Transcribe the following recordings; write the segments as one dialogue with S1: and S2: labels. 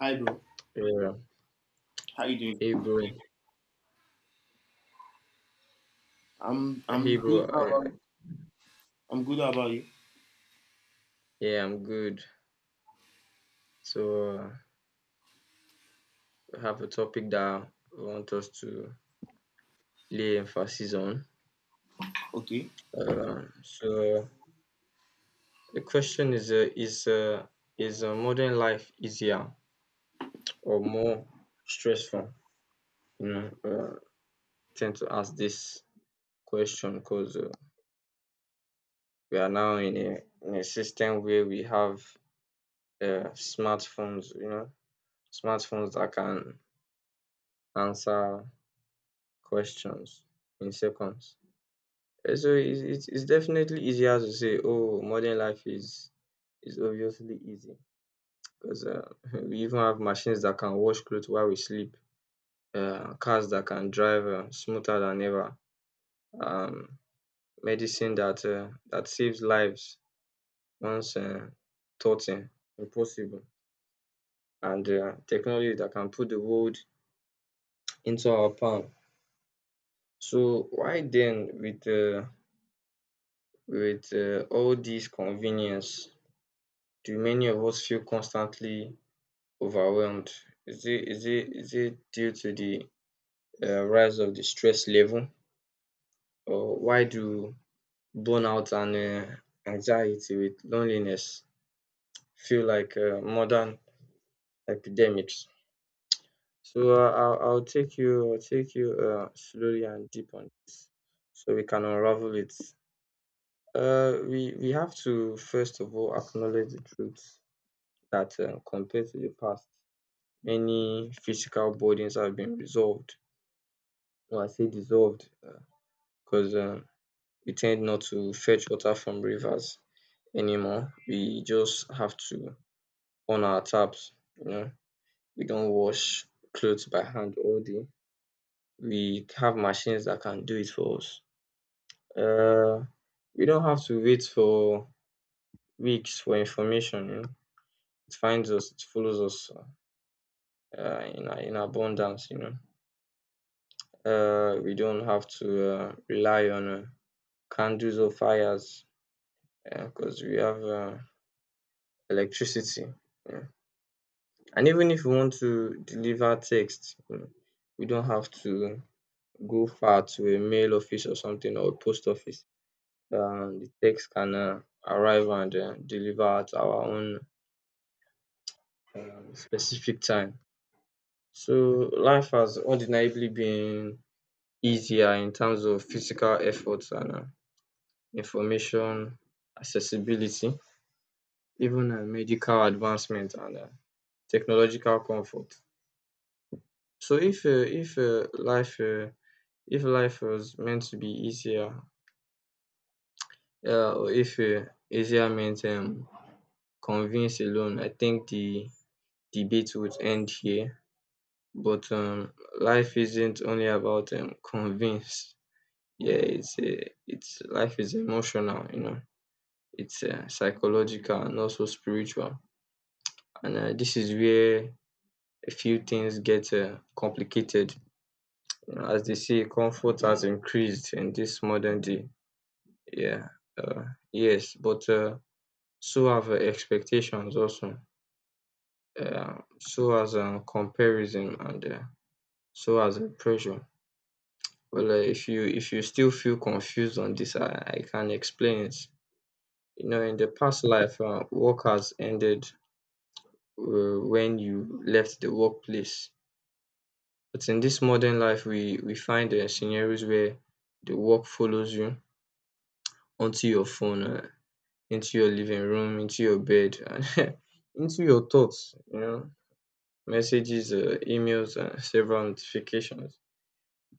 S1: Hi, bro.
S2: Yeah.
S1: How you
S2: Hey,
S1: doing?
S2: bro.
S1: I'm
S2: Hey,
S1: I'm
S2: bro.
S1: good. How about I'm good. How about you?
S2: Yeah, I'm good. So, we have a topic that we want us to lay emphasis on.
S1: Okay.
S2: So, the question is: is modern life easier or more stressful? You know, tend to ask this question because we are now in a system where we have smartphones. You know, smartphones that can answer questions in seconds. So it's definitely easier to say, oh, modern life is obviously easy because we even have machines that can wash clothes while we sleep, cars that can drive smoother than ever, um, medicine that saves lives once thought impossible, and technology that can put the world into our palm. So why then with all this convenience do many of us feel constantly overwhelmed? Is it due to the rise of the stress level, or why do burnout and anxiety with loneliness feel like modern epidemics? So I'll take you slowly and deep on this, so we can unravel it. We have to first of all acknowledge the truth that compared to the past, many physical burdens have been resolved or I say dissolved because we tend not to fetch water from rivers anymore. We just have to on our taps. You know, we don't wash clothes by hand all day. We have machines that can do it for us. Uh, we don't have to wait for weeks for information. You know, it finds us, it follows us in abundance. You know, we don't have to rely on candles or fires because we have electricity. Yeah. And even if we want to deliver text, we don't have to go far to a mail office or something or a post office. The text can arrive and deliver at our own specific time. So life has undeniably been easier in terms of physical efforts and information accessibility, even medical advancement and technological comfort. So if life was meant to be easier, or if easier meant convince alone, I think the debate would end here. But life isn't only about convince. Yeah, it's life is emotional, you know. It's psychological and also spiritual. And this is where a few things get complicated. You know, as they say, comfort has increased in this modern day. Yeah, uh, yes, but. So have expectations also, so as comparison and so as pressure. Well, if you still feel confused on this, I can explain it. You know, in the past life, work has ended when you left the workplace. But in this modern life, we find scenarios where the work follows you onto your phone, into your living room, into your bed, and into your thoughts. You know, messages, emails, and several notifications.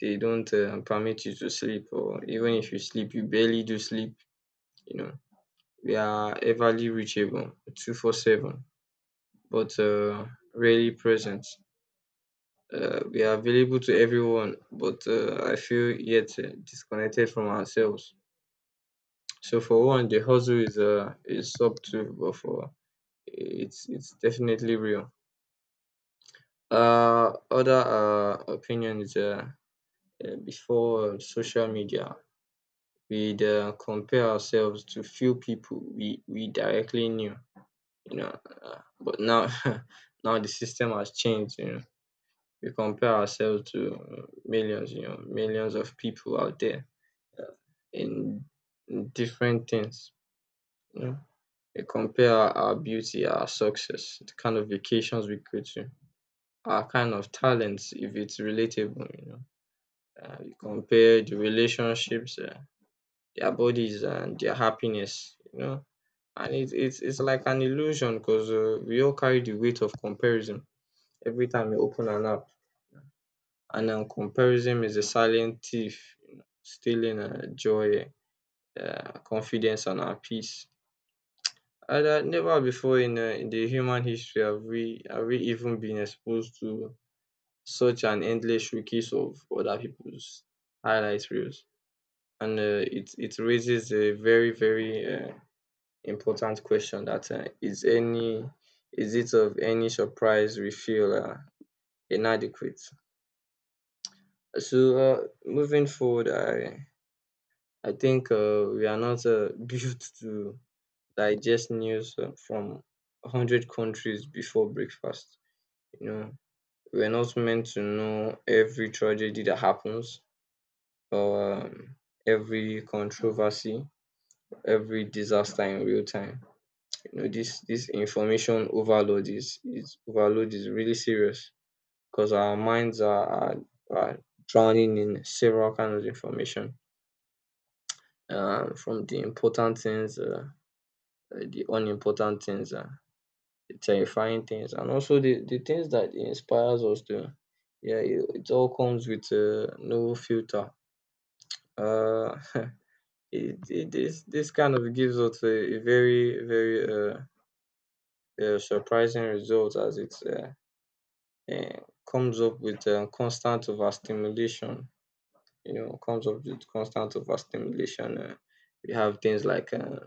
S2: They don't permit you to sleep, or even if you sleep, you barely do sleep. You know, we are everly reachable, 24/7, but rarely present. We are available to everyone, but I feel yet disconnected from ourselves. So for one, the hustle is subtle, but for it's definitely real. Other opinion is before social media, we'd compare ourselves to few people we directly knew, you know. But now, now the system has changed, you know. We compare ourselves to millions, you know, millions of people out there in different things, you know. We compare our beauty, our success, the kind of vacations we go to, our kind of talents, if it's relatable, you know. We compare the relationships, their bodies and their happiness, you know. And it's like an illusion because we all carry the weight of comparison every time you open an app. And comparison is a silent thief, you know, stealing joy, confidence, and our peace. And that never before in the human history have we even been exposed to such an endless showcase of other people's highlight reels. And it raises a very very important question that is it of any surprise we feel inadequate? So moving forward, I think we are not built to digest news from 100 countries before breakfast. You know, we're not meant to know every tragedy that happens, or every controversy, every disaster in real time. You know, this information overload is overload is really serious because our minds are drowning in several kinds of information, from the important things, the unimportant things, the terrifying things, and also the things that inspires us to. Yeah, it all comes with no filter uh it this kind of gives us a very very surprising result as it's eh, comes up with constant overstimulation. You know, comes up with constant overstimulation. We have things like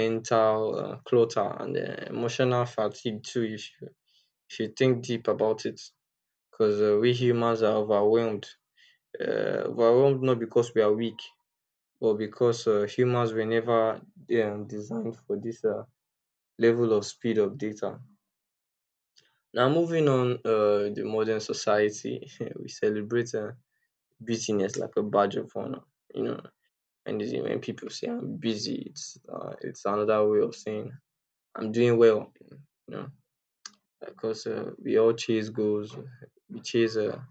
S2: mental clutter and emotional fatigue too. If you think deep about it, because we humans are overwhelmed. Uh, overwhelmed not because we are weak, but because humans were never designed for this level of speed of data. Now, moving on, the modern society, we celebrate busyness like a badge of honor, you know. And is it when people say I'm busy, it's another way of saying I'm doing well, you know. Because we all chase goals, we chase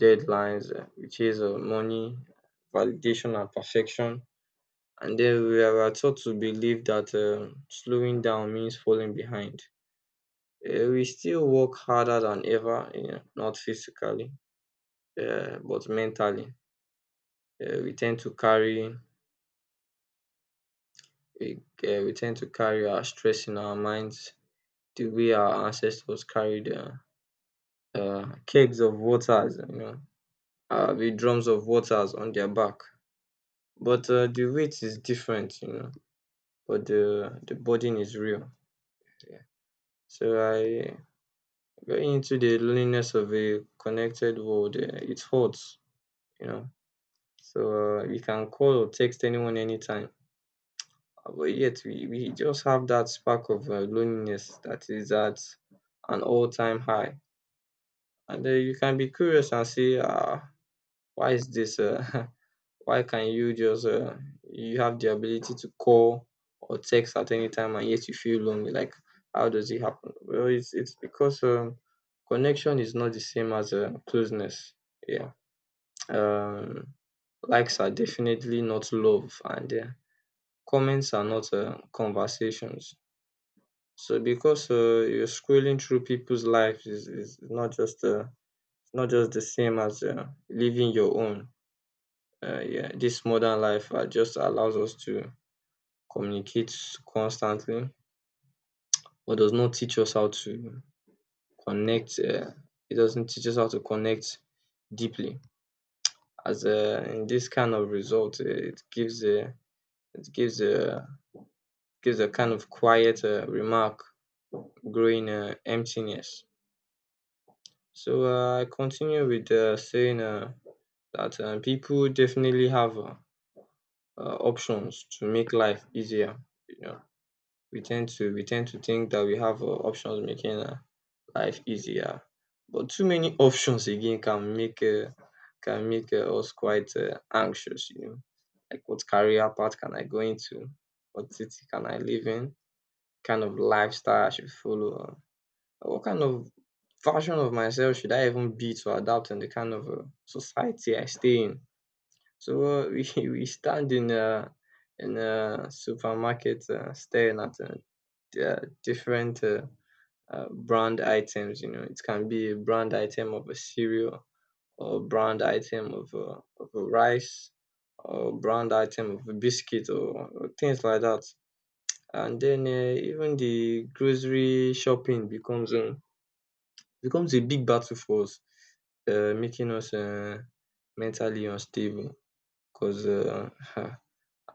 S2: deadlines, we chase money, validation, and perfection. And then we are taught to believe that slowing down means falling behind. We still work harder than ever, you know, not physically, but mentally. Uh, we tend to carry we, we tend to carry our stress in our minds the way our ancestors carried kegs of waters, you know, with drums of waters on their back. But the weight is different, you know, but the burden is real. Yeah. So I going into the loneliness of a connected world, it hurts, you know. So you can call or text anyone anytime. But yet we just have that spark of loneliness that is at an all time high. And then you can be curious and say, ah, why is this? Why can you you have the ability to call or text at any time and yet you feel lonely? Like, how does it happen? Well, it's because connection is not the same as closeness. Yeah. Um, likes are definitely not love, and comments are not conversations. So because you're scrolling through people's lives is not just the same as living your own. Yeah, this modern life just allows us to communicate constantly, but does not teach us how to connect. It doesn't teach us how to connect deeply. As in this kind of result, it gives a kind of quiet remark, growing emptiness. So I continue with saying that people definitely have options to make life easier. You know, we tend to think that we have options making life easier, but too many options again can make us quite anxious. You know, like what career path can I go into? What city can I live in? Kind of lifestyle I should follow? What kind of version of myself should I even be to adapt in the kind of society I stay in? So we stand in a supermarket staring at different brand items. You know, it can be a brand item of a cereal, or brand item of a rice, or brand item of a biscuit, or things like that. And then even the grocery shopping becomes a big battle for us, making us mentally unstable. Because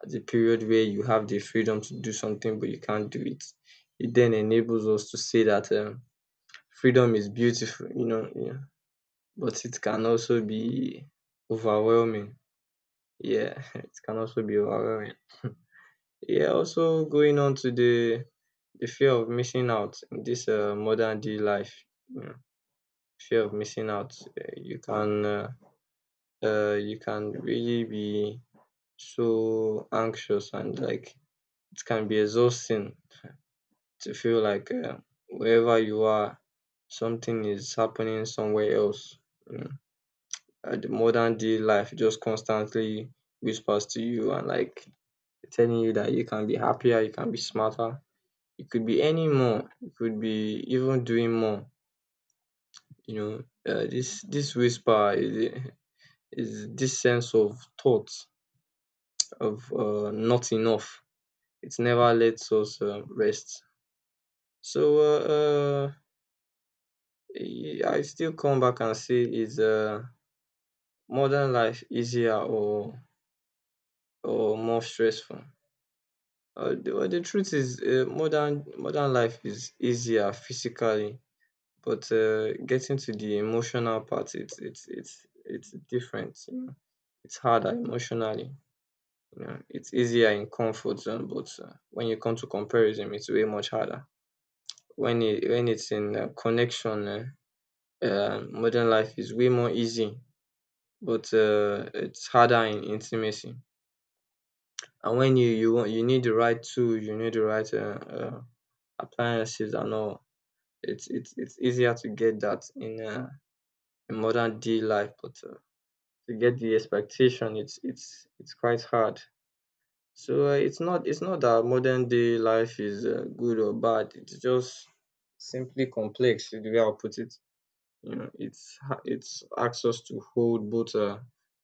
S2: the period where you have the freedom to do something but you can't do it, it then enables us to say that freedom is beautiful, you know, yeah, but it can also be overwhelming. Yeah, it can also be overwhelming. Yeah, also going on to the fear of missing out in this modern day life. You know, fear of missing out. You can really be so anxious, and like it can be exhausting to feel like, wherever you are, something is happening somewhere else. You know, the modern day life just constantly whispers to you, and like telling you that you can be happier, you can be smarter, you could be any more, you could be even doing more. You know, this whisper is this sense of thought of not enough. It never lets us rest. So uh, uh, I still come back and say, is, modern life easier, or more stressful? Well, the truth is, modern life is easier physically, but, getting to the emotional part, it's different. You know? It's harder emotionally. You know? It's easier in comfort zone, but, when you come to comparison, it's way much harder. When it's in, connection, modern life is way more easy, but, it's harder in intimacy. And when you want you need the right tool, you need the right, uh, appliances and all, it's easier to get that in, in modern day life, but, to get the expectation, it's quite hard. So, it's not that modern day life is, good or bad. It's just simply complex is the way I'll put it. You know it's asks us to hold both,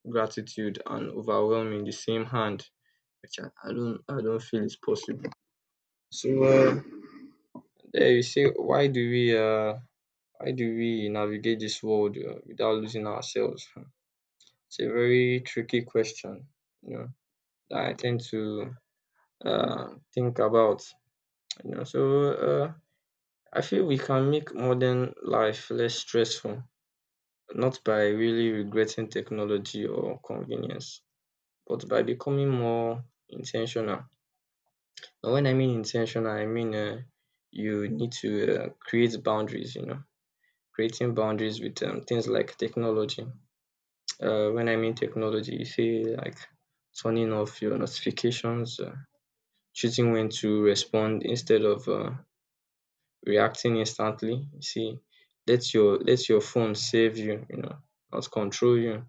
S2: gratitude and overwhelming in the same hand, which I don't feel is possible. So there, you see, why do we navigate this world, without losing ourselves. Hmm. It's a very tricky question you know that I tend to uh think about. So I feel we can make modern life less stressful, not by really regretting technology or convenience, but by becoming more intentional. And when I mean intentional, I mean, you need to, create boundaries, creating boundaries with, things like technology. When I mean technology, you say like turning off your notifications, choosing when to respond instead of, reacting instantly. You see, let your phone save you, not control you.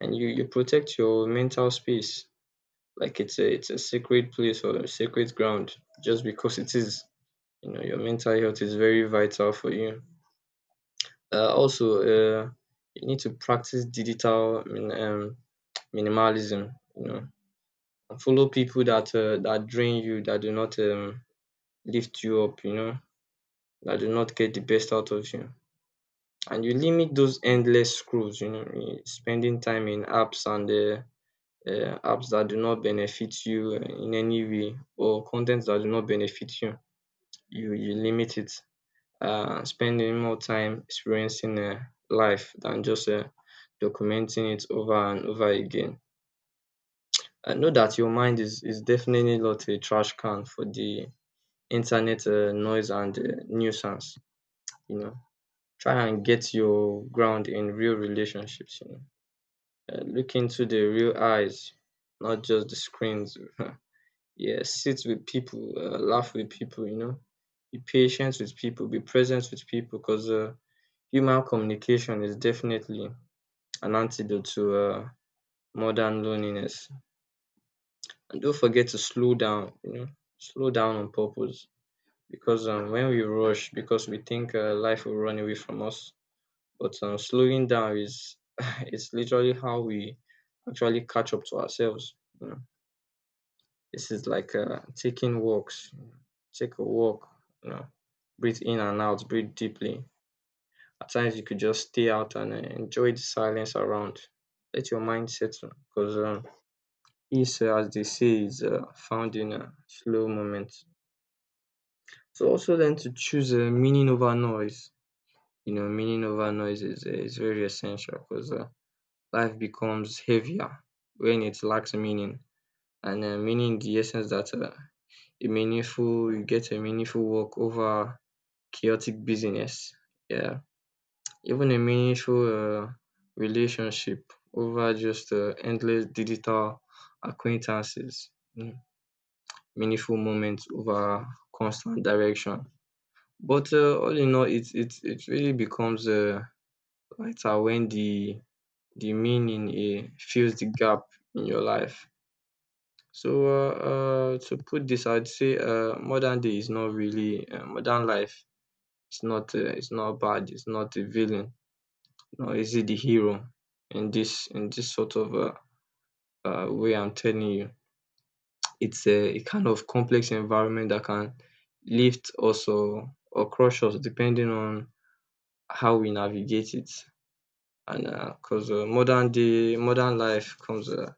S2: And you protect your mental space like it's a sacred place or a sacred ground, just because it is. You know your mental health is very vital for you. Also, you need to practice digital minimalism. And follow people that drain you, that do not, lift you up, that do not get the best out of you. And you limit those endless scrolls. Spending time in apps and, apps that do not benefit you in any way, or content that do not benefit you, you limit it. Spending more time experiencing, life than just, documenting it over and over again. I know that your mind is definitely not a trash can for the internet, noise and, nuisance. You know, try and get your ground in real relationships. Look into the real eyes, not just the screens. Yeah, sit with people, laugh with people, be patient with people, be present with people, because, human communication is definitely an antidote to, modern loneliness. And don't forget to slow down. Slow down on purpose, because, when we rush, because we think, life will run away from us, but, slowing down is it's literally how we actually catch up to ourselves. This is like, taking walks. Take a walk, you know, breathe in and out, breathe deeply. At times you could just stay out and, enjoy the silence around. Let your mind settle, because, peace, as they say, is, found in, slow moments. So, also then, to choose, meaning over noise. Meaning over noise is very essential, because, life becomes heavier when it lacks meaning. And meaning, the essence that, a meaningful you get a meaningful work over chaotic business. Yeah. Even a meaningful, relationship over just, endless digital acquaintances. Mm. Meaningful moments over constant direction. But, all in all, it really becomes, lighter when the meaning, fills the gap in your life. So, to put this, I'd say, modern day is not really modern life. It's not, it's not bad. It's not a villain. No, is it the hero in this sort of, way. I'm telling you, it's a kind of complex environment that can lift us, or crush us depending on how we navigate it. And because modern life comes,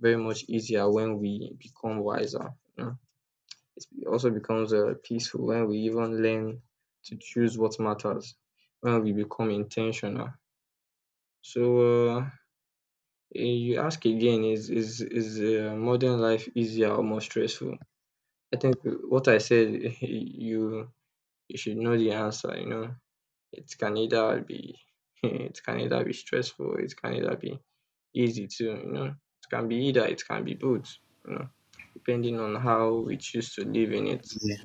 S2: very much easier when we become wiser. You know? It also becomes, peaceful when we even learn to choose what matters, when we become intentional. So, uh, you ask again, is modern life easier or more stressful? I think, what I said, you you should know the answer. It can either be it can either be stressful, it can either be easy too. It can be either, it can be both. You know, Depending on how we choose to live in it.
S1: Yeah,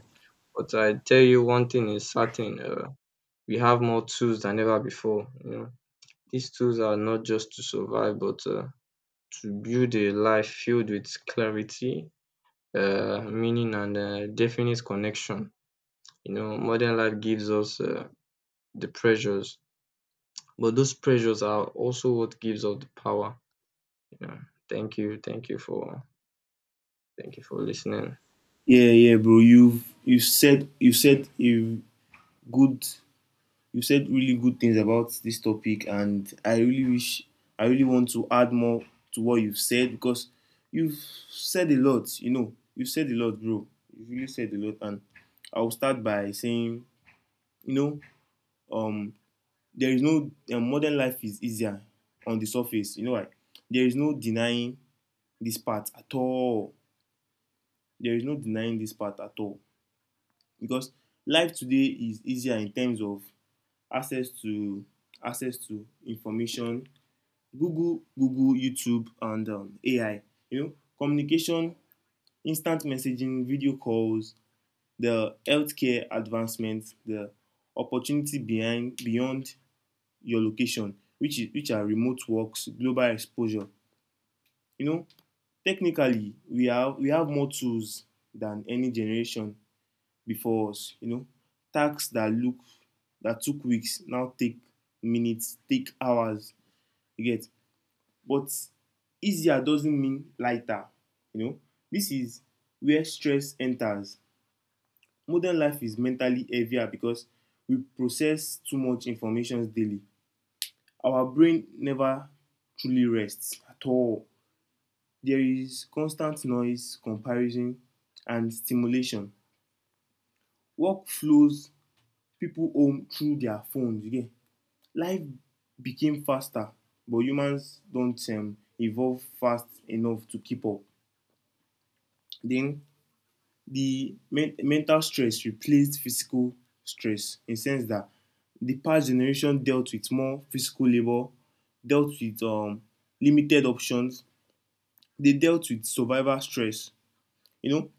S2: But I tell you, one thing is certain: we have more tools than ever before. These tools are not just to survive, but, to build a life filled with clarity, meaning, and, definite connection. Modern life gives us, the pressures, but those pressures are also what gives us the power. You know, thank you, thank you for, thank you for listening.
S1: yeah, yeah, bro. You good. You said really good things about this topic, and I really want to add more to what you've said because you've said a lot. You know, you've said a lot, bro. You've really said a lot, and I'll start by saying, you know, um, there is no modern life is easier on the surface. There is no denying this part at all. There is no denying this part at all because life today is easier in terms of access to access to information, Google, YouTube, and AI. You know, communication, instant messaging, video calls, the healthcare advancements, the opportunity behind beyond your location, which are remote works, global exposure. You know, technically, we have more tools than any generation before us. You know, tasks that look that took weeks now take minutes, take hours. You get, but easier doesn't mean lighter. You know, this is where stress enters. Modern life is mentally heavier because we process too much information daily. Our brain never truly rests at all. There is constant noise, comparison, and stimulation. Work flows people home through their phones. You get life became faster, but humans don't evolve fast enough to keep up. Then mental stress replaced physical stress in the sense that the past generation dealt with more physical labor, dealt with limited options, they dealt with survival stress. You know,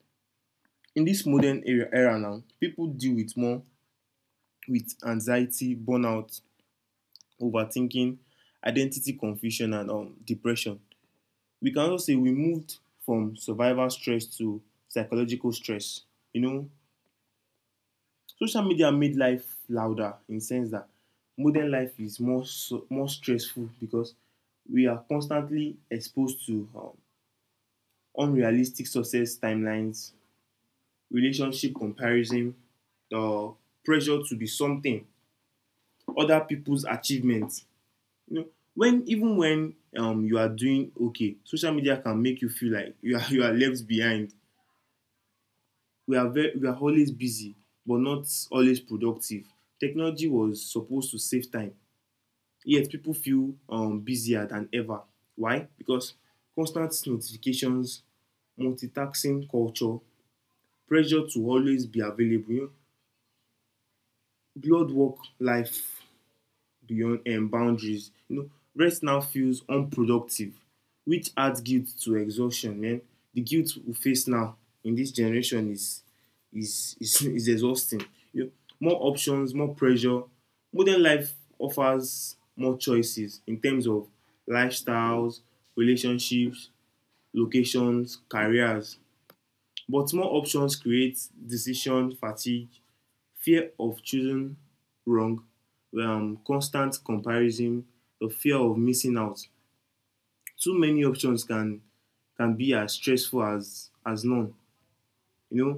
S1: in this modern era now, people deal with more with anxiety, burnout, overthinking, identity confusion, and depression. We can also say we moved from survival stress to psychological stress. You know, social media made life louder in the sense that modern life is more stressful because we are constantly exposed to unrealistic success timelines, relationship comparison, the pressure to be something, other people's achievements. You know, when even when you are doing okay, social media can make you feel like you are you are left behind. We are always busy but not always productive. Technology was supposed to save time, yet people feel busier than ever. Why? Because constant notifications, multitasking culture, pressure to always be available, you know, blurred work life beyond boundaries. You know, rest now feels unproductive, which adds guilt to exhaustion. Man, the guilt we face now in this generation is is exhausting. You know, more options, more pressure. Modern life offers more choices in terms of lifestyles, relationships, locations, careers. But more options create decision fatigue, fear of choosing wrong, constant comparison, the fear of missing out. Too many options can be as stressful as none. You know,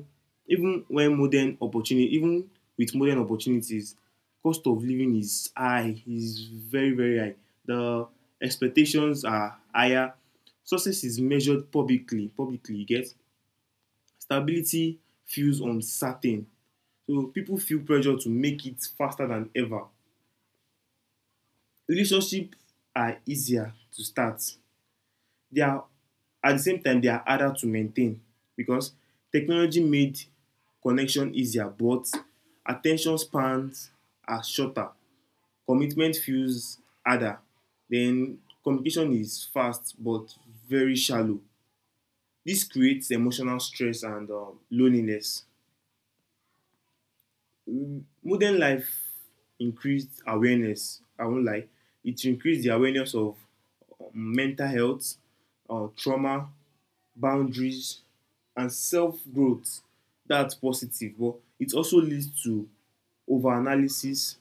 S1: even with modern opportunities, cost of living is high, is very very high. The expectations are higher. Success is measured publicly. Publicly, you get stability feels uncertain. So people feel pressure to make it faster than ever. Relationships are easier to start, they are at the same time they are harder to maintain because technology made connection easier, but attention spans are shorter, commitment feels harder. Then communication is fast but very shallow. This creates emotional stress and loneliness. Modern life increased awareness, I won't lie, it increased the awareness of mental health, trauma, boundaries, and self growth. That's positive, but it also leads to over analysis,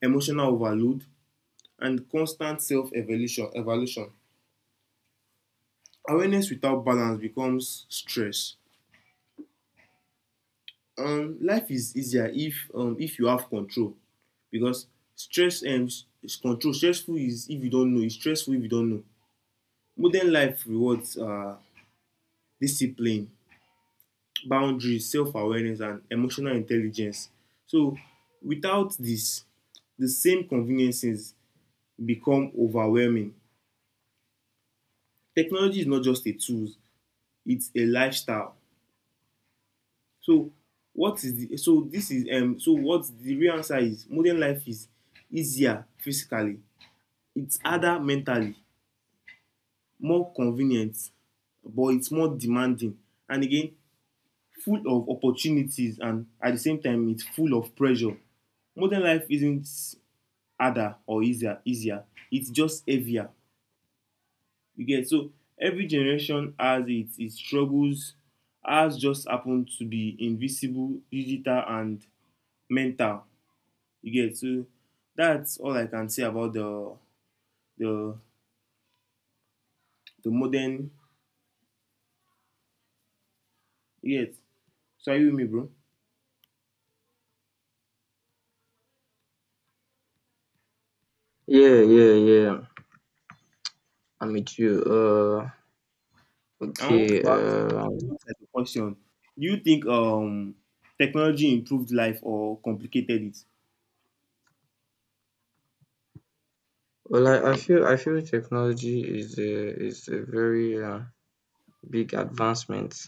S1: emotional overload, and constant self evolution evaluation. Awareness without balance becomes stress. Life is easier if you have control, because stress um, stressful is if you don't know. Modern life rewards discipline, boundaries, self-awareness, and emotional intelligence. So without this, the same conveniences become overwhelming. Technology is not just a tool, it's a lifestyle. So what is the so this is so what the real answer is modern life is easier physically, it's harder mentally, more convenient but it's more demanding, and again full of opportunities and at the same time it's full of pressure. Modern life isn't harder or easier. It's just heavier. You get? So every generation has its struggles. Ours just happen to be invisible, digital, and mental. You get? So that's all I can say about the the modern, you get. So are you with me, bro?
S2: Yeah, yeah, yeah. I'm with you.
S1: I want
S2: Okay.
S1: to ask like a question. Do you think technology improved life or complicated it?
S2: Well, I feel technology is a very, big advancement,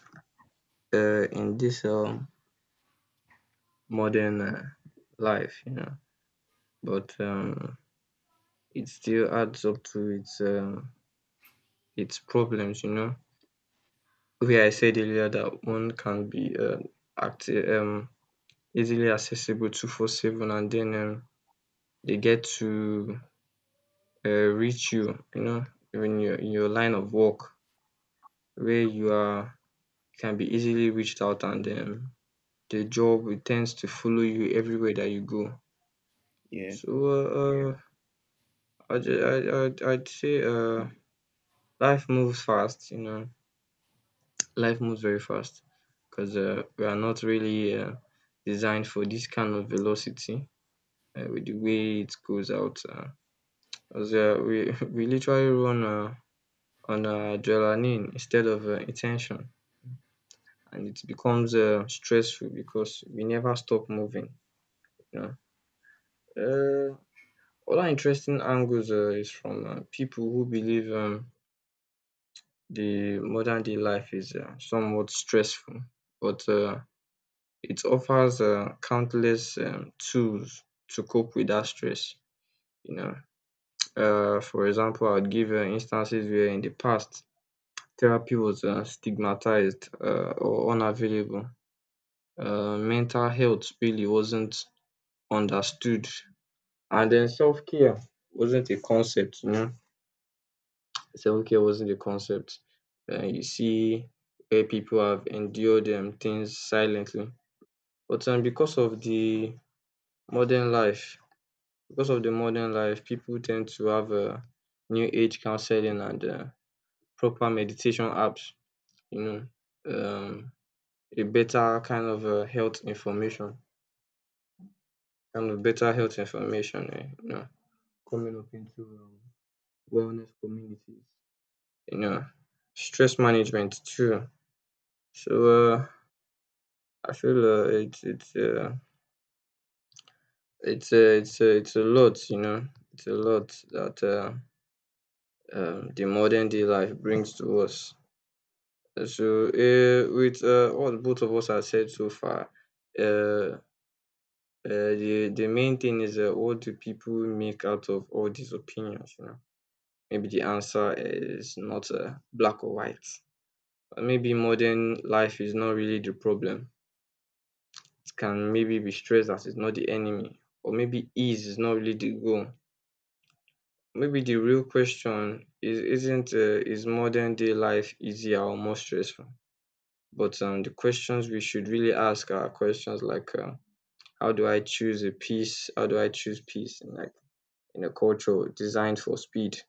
S2: in this, modern, life. But, it still adds up to its problems. Where I said earlier that one can be, acti- um, easily accessible 24/7, and then, they get to, reach you. When you're in your line of work, where you are can be easily reached out, and, the job will tends to follow you everywhere that you go.
S1: Yeah.
S2: So, I'd say, life moves fast. Life moves very fast, because, we are not really, designed for this kind of velocity, with the way it goes out. 'Cause, we, we literally run, on, adrenaline instead of, intention, and it becomes, stressful because we never stop moving. You know? uh, Other interesting angles, is from, people who believe, the modern day life is, somewhat stressful, but, it offers, countless, tools to cope with that stress. You know, for example, I would give, instances where in the past, therapy was, stigmatized, or unavailable. Mental health really wasn't understood, and then self care wasn't a concept. Self care wasn't a concept. You see, where people have endured, things silently, but, because of the modern life because of the modern life, people tend to have, new age counseling and, proper meditation apps, you know, um, a better kind of, health information, kind of better health information. Coming up into, wellness communities, you know, stress management too. So I feel, it's a lot. It's a lot that, the modern day life brings to us. So, with, what both of us have said so far, uh, uh, the main thing is, what do people make out of all these opinions? Maybe the answer is not, black or white. Maybe modern life is not really the problem. It can maybe be stressed as it's not the enemy, or maybe ease is not really the goal. Maybe the real question is isn't, is modern day life easier or more stressful? But, the questions we should really ask are questions like, how do I choose a piece? How do I choose peace in a culture designed for speed,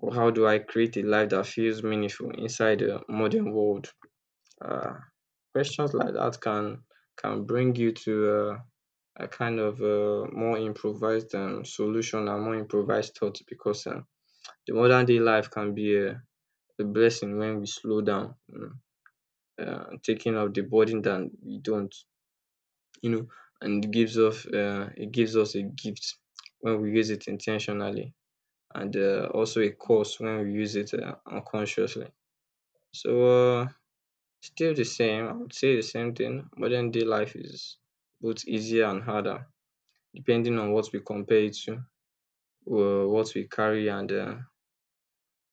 S2: or how do I create a life that feels meaningful inside a modern world? Uh, Questions like that can bring you to, a kind of, more improvised, solution, and more improvised thought, because, the modern day life can be a blessing when we slow down, taking off the burden that we don't. you know, and it gives us a gift when we use it intentionally, and, also a curse when we use it, unconsciously. So, still the same, I would say the same thing. Modern day life is both easier and harder, depending on what we compare it to, what we carry, and, uh,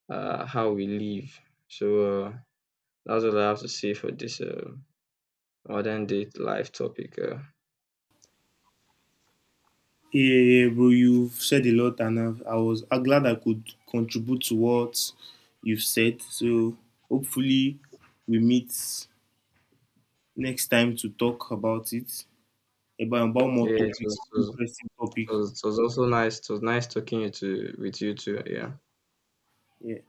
S2: uh, how we live. So, that's what I have to say for this, modern day life topic.
S1: Yeah, yeah, bro. You've said a lot, and I'm glad I could contribute to what you've said. So hopefully we meet next time to talk about it, about more
S2: Yeah,
S1: topics,
S2: it
S1: interesting topics.
S2: was so it was also nice. It was nice talking you to with you too. Yeah.
S1: Yeah.